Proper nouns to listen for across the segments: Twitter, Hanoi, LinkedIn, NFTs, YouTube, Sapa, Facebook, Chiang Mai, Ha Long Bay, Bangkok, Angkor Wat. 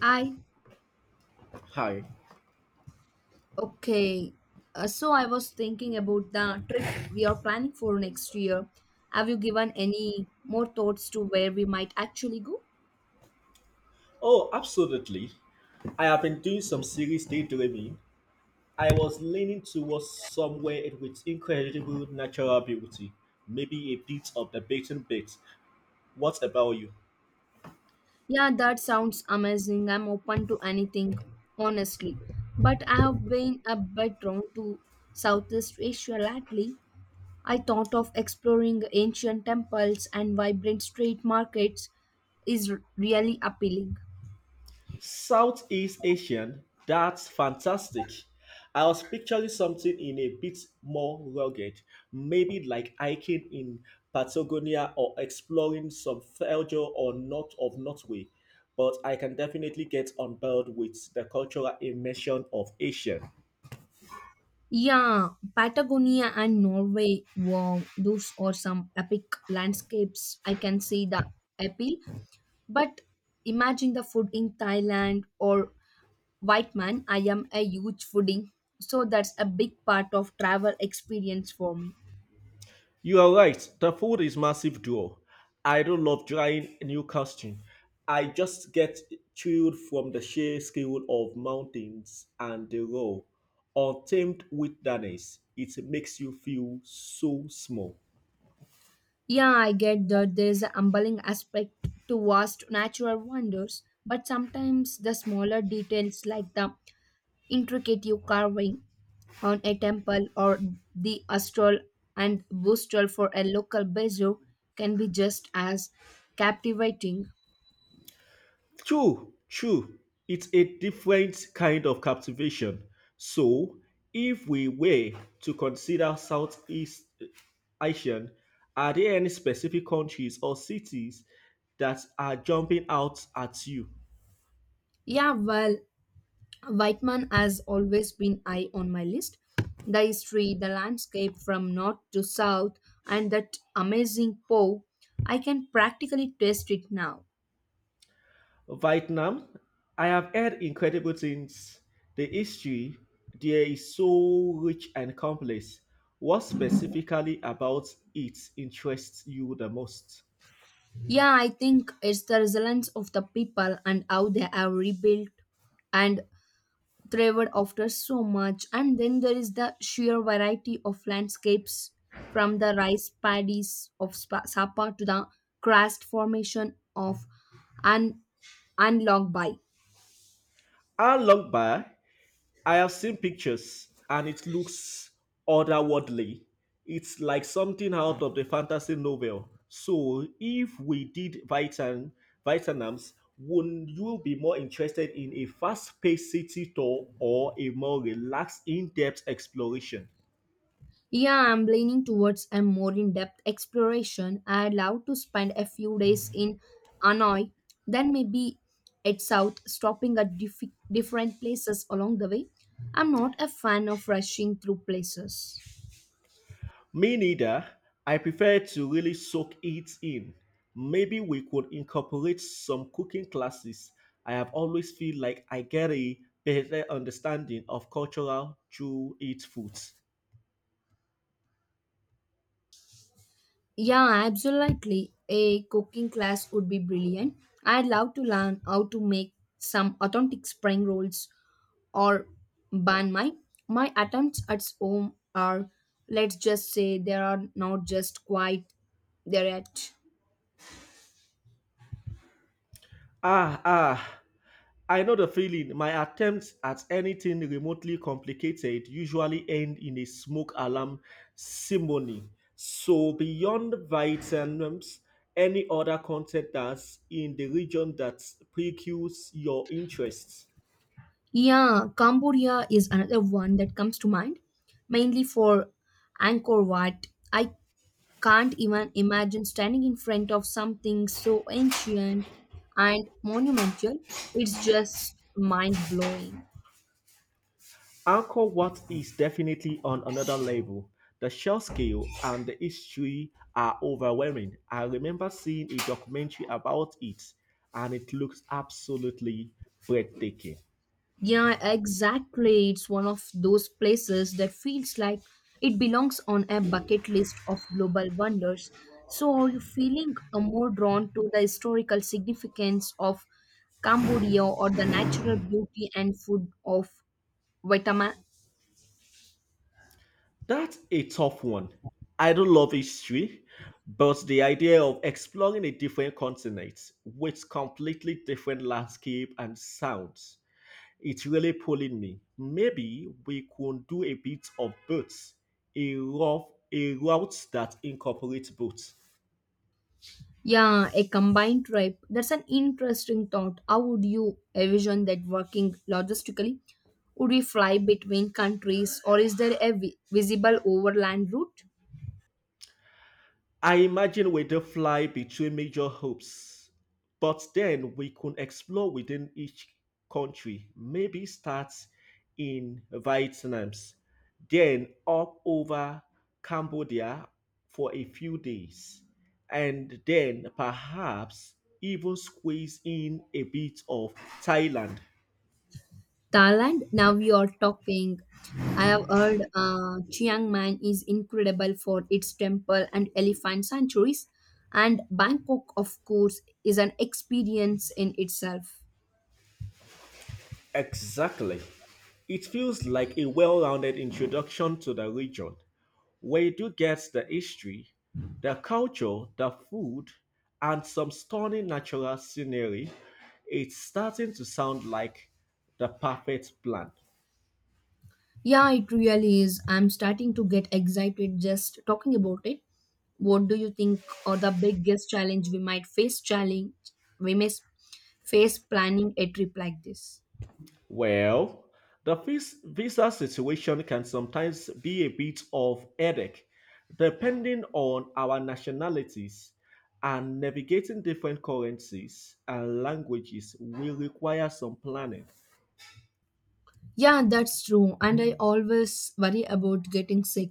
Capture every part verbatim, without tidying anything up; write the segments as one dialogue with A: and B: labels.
A: I
B: Hi.
A: okay. Uh, so I was thinking about the trip we are planning for next year. Have you given any more thoughts to where we might actually go?
B: Oh, absolutely. I have been doing some serious daydreaming. I was leaning towards somewhere with incredible natural beauty, maybe a bit of the beaten bit. What about you?
A: Yeah, that sounds amazing. I'm open to anything, honestly. But I have been a bit drawn to Southeast Asia lately. I thought of exploring ancient temples and vibrant street markets is r- really appealing.
B: Southeast Asian, that's fantastic. I was picturing something in a bit more rugged, maybe like hiking in Patagonia or exploring some fjords or north of Norway. But I can definitely get on board with the cultural immersion of Asian.
A: Yeah, Patagonia and Norway, wow, those are some epic landscapes. I can see the appeal, but imagine the food in Thailand or Whiteman. I am a huge foodie, so that's a big part of travel experience for me.
B: You are right. The food is massive duo. I don't love trying new costume. I just get chilled from the sheer scale of mountains and the raw, untamed wilderness. It makes you feel so small.
A: Yeah, I get that there's a humbling aspect to vast natural wonders, but sometimes the smaller details like the intricate carving on a temple or the astral and bustral for a local bazaar, can be just as captivating.
B: True, true. It's a different kind of captivation. So, if we were to consider Southeast Asian, are there any specific countries or cities that are jumping out at you?
A: Yeah, well, Whiteman has always been high on my list. The history, the landscape from north to south, and that amazing poe I can practically taste it now.
B: Vietnam, I have heard incredible things. The history there is so rich and complex. What specifically about it interests you the most?
A: Yeah, I think it's the resilience of the people and how they have rebuilt and thrived after so much. And then there is the sheer variety of landscapes from the rice paddies of Spa- Sapa to the crust formation of an unlocked Bay.
B: How long by? I have seen pictures and it looks otherworldly. It's like something out of the fantasy novel. So if we did Vietnam, Vietnam's, would you be more interested in a fast-paced city tour or a more relaxed, in-depth exploration?
A: Yeah, I'm leaning towards a more in depth exploration. I'd love to spend a few days in Hanoi, then maybe at South, stopping at diff- different places along the way. I'm not a fan of rushing through places.
B: Me neither. I prefer to really soak it in. Maybe we could incorporate some cooking classes. I have always feel like I get a better understanding of cultural through its foods.
A: Yeah, absolutely. A cooking class would be brilliant. I'd love to learn how to make some authentic spring rolls or ban my my attempts at home are let's just say they are not just quite there yet.
B: Ah, ah. I know the feeling. My attempts at anything remotely complicated usually end in a smoke alarm ceremony. So, beyond vitamins, any other content that's in the region that piques your interest?
A: Yeah, Cambodia is another one that comes to mind, mainly for Angkor Wat. I can't even imagine standing in front of something so ancient and monumental. It's just mind blowing.
B: Anchor Wat is definitely on another level. The sheer scale and the history are overwhelming. I remember seeing a documentary about it and it looks absolutely breathtaking.
A: Yeah, exactly. It's one of those places that feels like it belongs on a bucket list of global wonders. So, are you feeling uh, more drawn to the historical significance of Cambodia or the natural beauty and food of Vietnam?
B: That's a tough one. I don't love history, but the idea of exploring a different continent with completely different landscape and sounds, it's really pulling me. Maybe we could do a bit of both, a rough a route that incorporates both.
A: Yeah, a combined tribe. That's an interesting thought. How would you envision that working logistically? Would we fly between countries or is there a vi- visible overland route?
B: I imagine we do fly between major hubs, but then we could explore within each country. Maybe start in Vietnam, then up over Cambodia for a few days, and then perhaps even squeeze in a bit of Thailand.
A: Thailand, now we are talking. I have heard uh, Chiang Mai is incredible for its temple and elephant sanctuaries, and Bangkok, of course, is an experience in itself.
B: Exactly. It feels like a well rounded introduction to the region, where you do get the history, the culture, the food, and some stunning natural scenery. It's starting to sound like the perfect plan.
A: Yeah, it really is. I'm starting to get excited just talking about it. What do you think are the biggest challenge we might face challenge we may s- face planning a trip like this?
B: Well, the vis- visa situation can sometimes be a bit of headache depending on our nationalities and navigating different currencies and languages will require some planning.
A: Yeah, that's true. And I always worry about getting sick.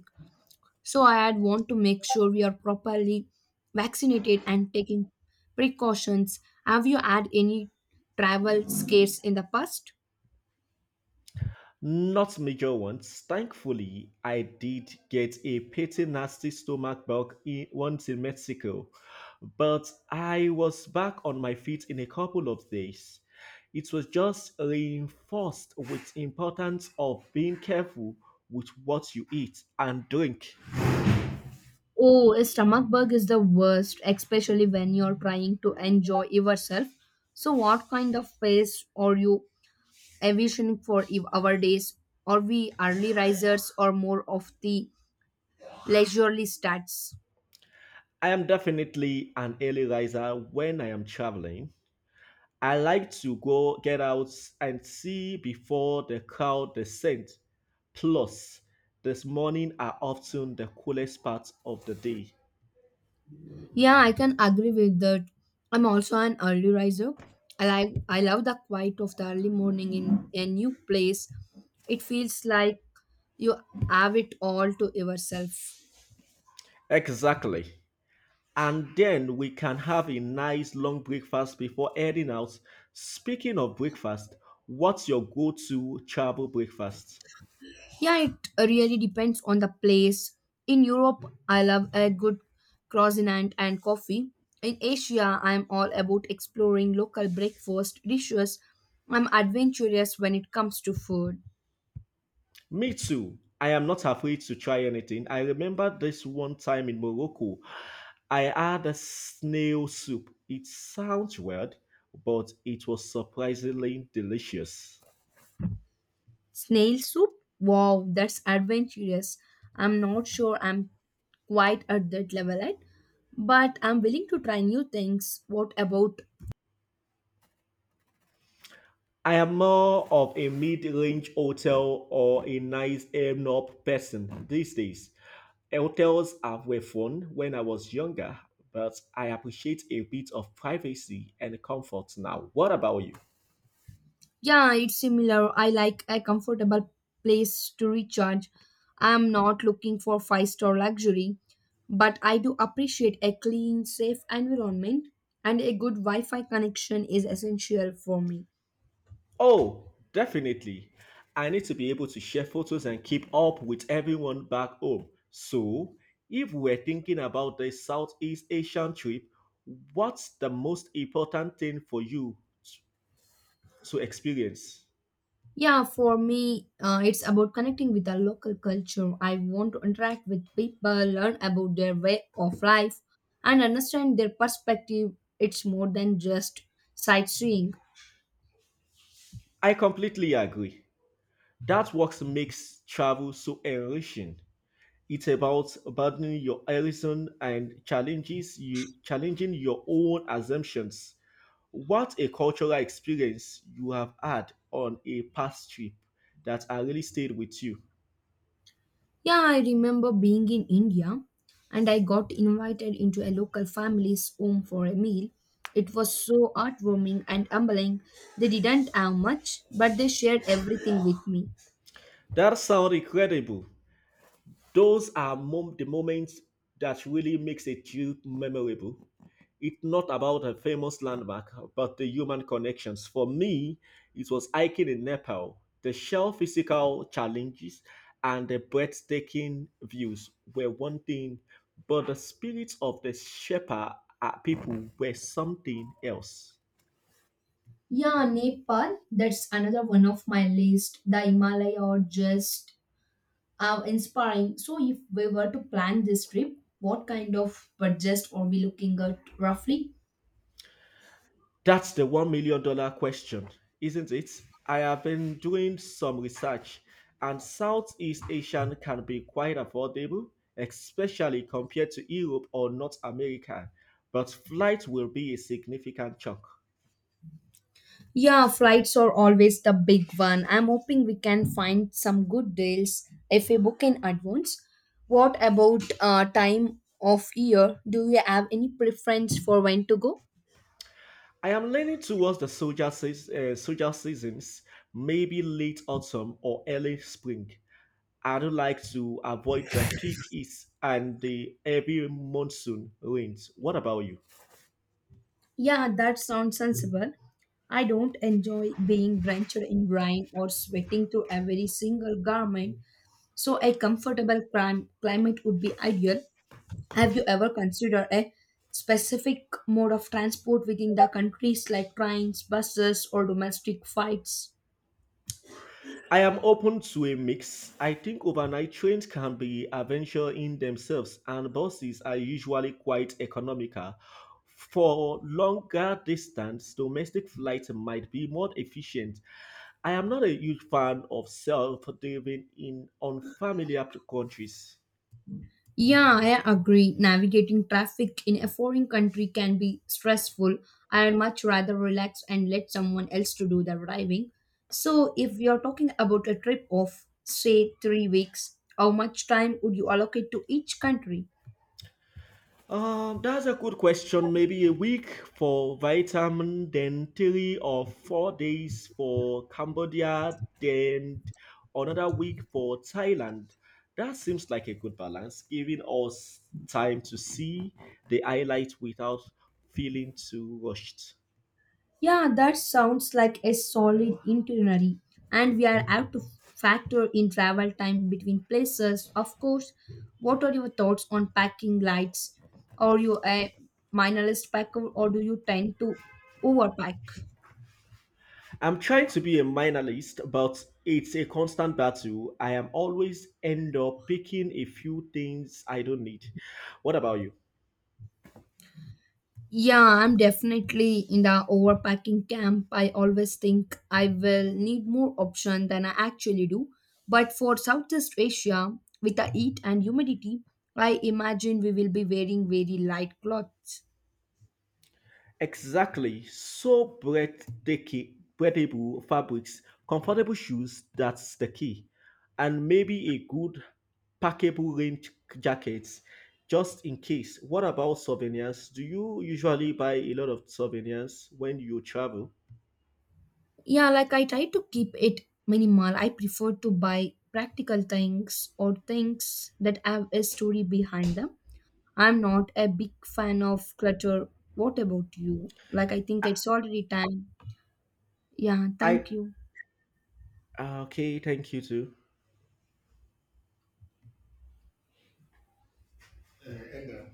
A: So I'd want to make sure we are properly vaccinated and taking precautions. Have you had any travel scares in the past?
B: Not major ones. Thankfully, I did get a pretty nasty stomach bug in, once in Mexico, but I was back on my feet in a couple of days. It was just reinforced with importance of being careful with what you eat and drink.
A: Oh, a stomach bug is the worst, especially when you're trying to enjoy yourself. So, what kind of pace are you envisioning for ev- our days? Are we early risers or more of the leisurely stats?
B: I am definitely an early riser when I am traveling. I like to go get out and see before the crowd descend. Plus, this morning are often the coolest parts of the day.
A: Yeah, I can agree with that. I'm also an early riser. I like I love the quiet of the early morning in a new place. It feels like you have it all to yourself.
B: Exactly. And then we can have a nice long breakfast before heading out. Speaking of breakfast, what's your go to travel breakfast?
A: Yeah, it really depends on the place. In Europe, I love a good croissant and coffee. In Asia, I'm all about exploring local breakfast dishes. I'm adventurous when it comes to food.
B: Me too. I am not afraid to try anything. I remember this one time in Morocco. I had a snail soup. It sounds weird, but it was surprisingly delicious.
A: Snail soup? Wow, that's adventurous. I'm not sure I'm quite at that level yet, but I'm willing to try new things. What about
B: I am more of a mid-range hotel or a nice end-up person these days. Hotels are were fun when I was younger, but I appreciate a bit of privacy and comfort now. What about you?
A: Yeah, it's similar. I like a comfortable place to recharge. I'm not looking for five star luxury, but I do appreciate a clean, safe environment, and a good Wi Fi connection is essential for me.
B: Oh, definitely. I need to be able to share photos and keep up with everyone back home. So, if we're thinking about the Southeast Asian trip, what's the most important thing for you t- to experience?
A: Yeah, for me, uh, it's about connecting with the local culture. I want to interact with people, learn about their way of life, and understand their perspective. It's more than just sightseeing.
B: I completely agree. That what makes travel so enriching. It's about broadening your horizon and challenges you challenging your own assumptions. What a cultural experience you have had on a past trip that has really stayed with you.
A: Yeah, I remember being in India and I got invited into a local family's home for a meal. It was so heartwarming and humbling. They didn't have much, but they shared everything with me.
B: That sounds incredible. Those are mom- the moments that really makes a trip memorable. It's not about a famous landmark, but the human connections. For me, it was hiking in Nepal. The sheer physical challenges and the breathtaking views were one thing, but the spirits of the Sherpa uh, people were something else.
A: Yeah, Nepal, that's another one of my list. The Himalaya are just uh, inspiring. So, if we were to plan this trip, what kind of budget are we looking at roughly?
B: That's the one million dollar question, isn't it? I have been doing some research, and Southeast Asian can be quite affordable, especially compared to Europe or North America, but flight will be a significant chunk.
A: Yeah, flights are always the big one. I'm hoping we can find some good deals if we book in advance. What about uh, time of year? Do you have any preference for when to go?
B: I am leaning towards the soldier, seas- uh, soldier seasons, maybe late autumn or early spring. I do like to avoid the peak heat and the heavy monsoon rains. What about you?
A: Yeah, that sounds sensible. I don't enjoy being drenched in rain or sweating through every single garment, so a comfortable clim- climate would be ideal. Have you ever considered a specific mode of transport within the countries like trains, buses, or domestic flights?
B: I am open to a mix. I think overnight trains can be adventure in themselves, and buses are usually quite economical. For longer distance, domestic flights might be more efficient. I am not a huge fan of self-driving in unfamiliar countries.
A: Yeah, I agree. Navigating traffic in a foreign country can be stressful. I'd much rather relax and let someone else to do the driving. So, if you're talking about a trip of say three weeks, how much time would you allocate to each country?
B: Uh, that's a good question. Maybe a week for Vietnam, then three or four days for Cambodia, then another week for Thailand. That seems like a good balance, giving us time to see the highlight without feeling too rushed.
A: Yeah, that sounds like a solid itinerary, and we are have to factor in travel time between places. Of course, what are your thoughts on packing lights? Are you a minimalist packer or do you tend to overpack?
B: I'm trying to be a minimalist, but it's a constant battle. I am always end up picking a few things I don't need. What about you?
A: Yeah, I'm definitely in the overpacking camp. I always think I will need more option than I actually do. But for Southeast Asia, with the heat and humidity, I imagine we will be wearing very light clothes.
B: Exactly. So breathtaking, breathable fabrics, comfortable shoes, that's the key. And maybe a good packable rain j- jacket just in case. What about souvenirs? Do you usually buy a lot of souvenirs when you travel?
A: Yeah, like I try to keep it minimal. I prefer to buy practical things or things that have a story behind them. I'm not a big fan of clutter. What about you? Like, I think
B: I,
A: it's already time. Yeah,
B: I
A: thank you.
B: uh, Okay, thank you too. Uh, and, uh,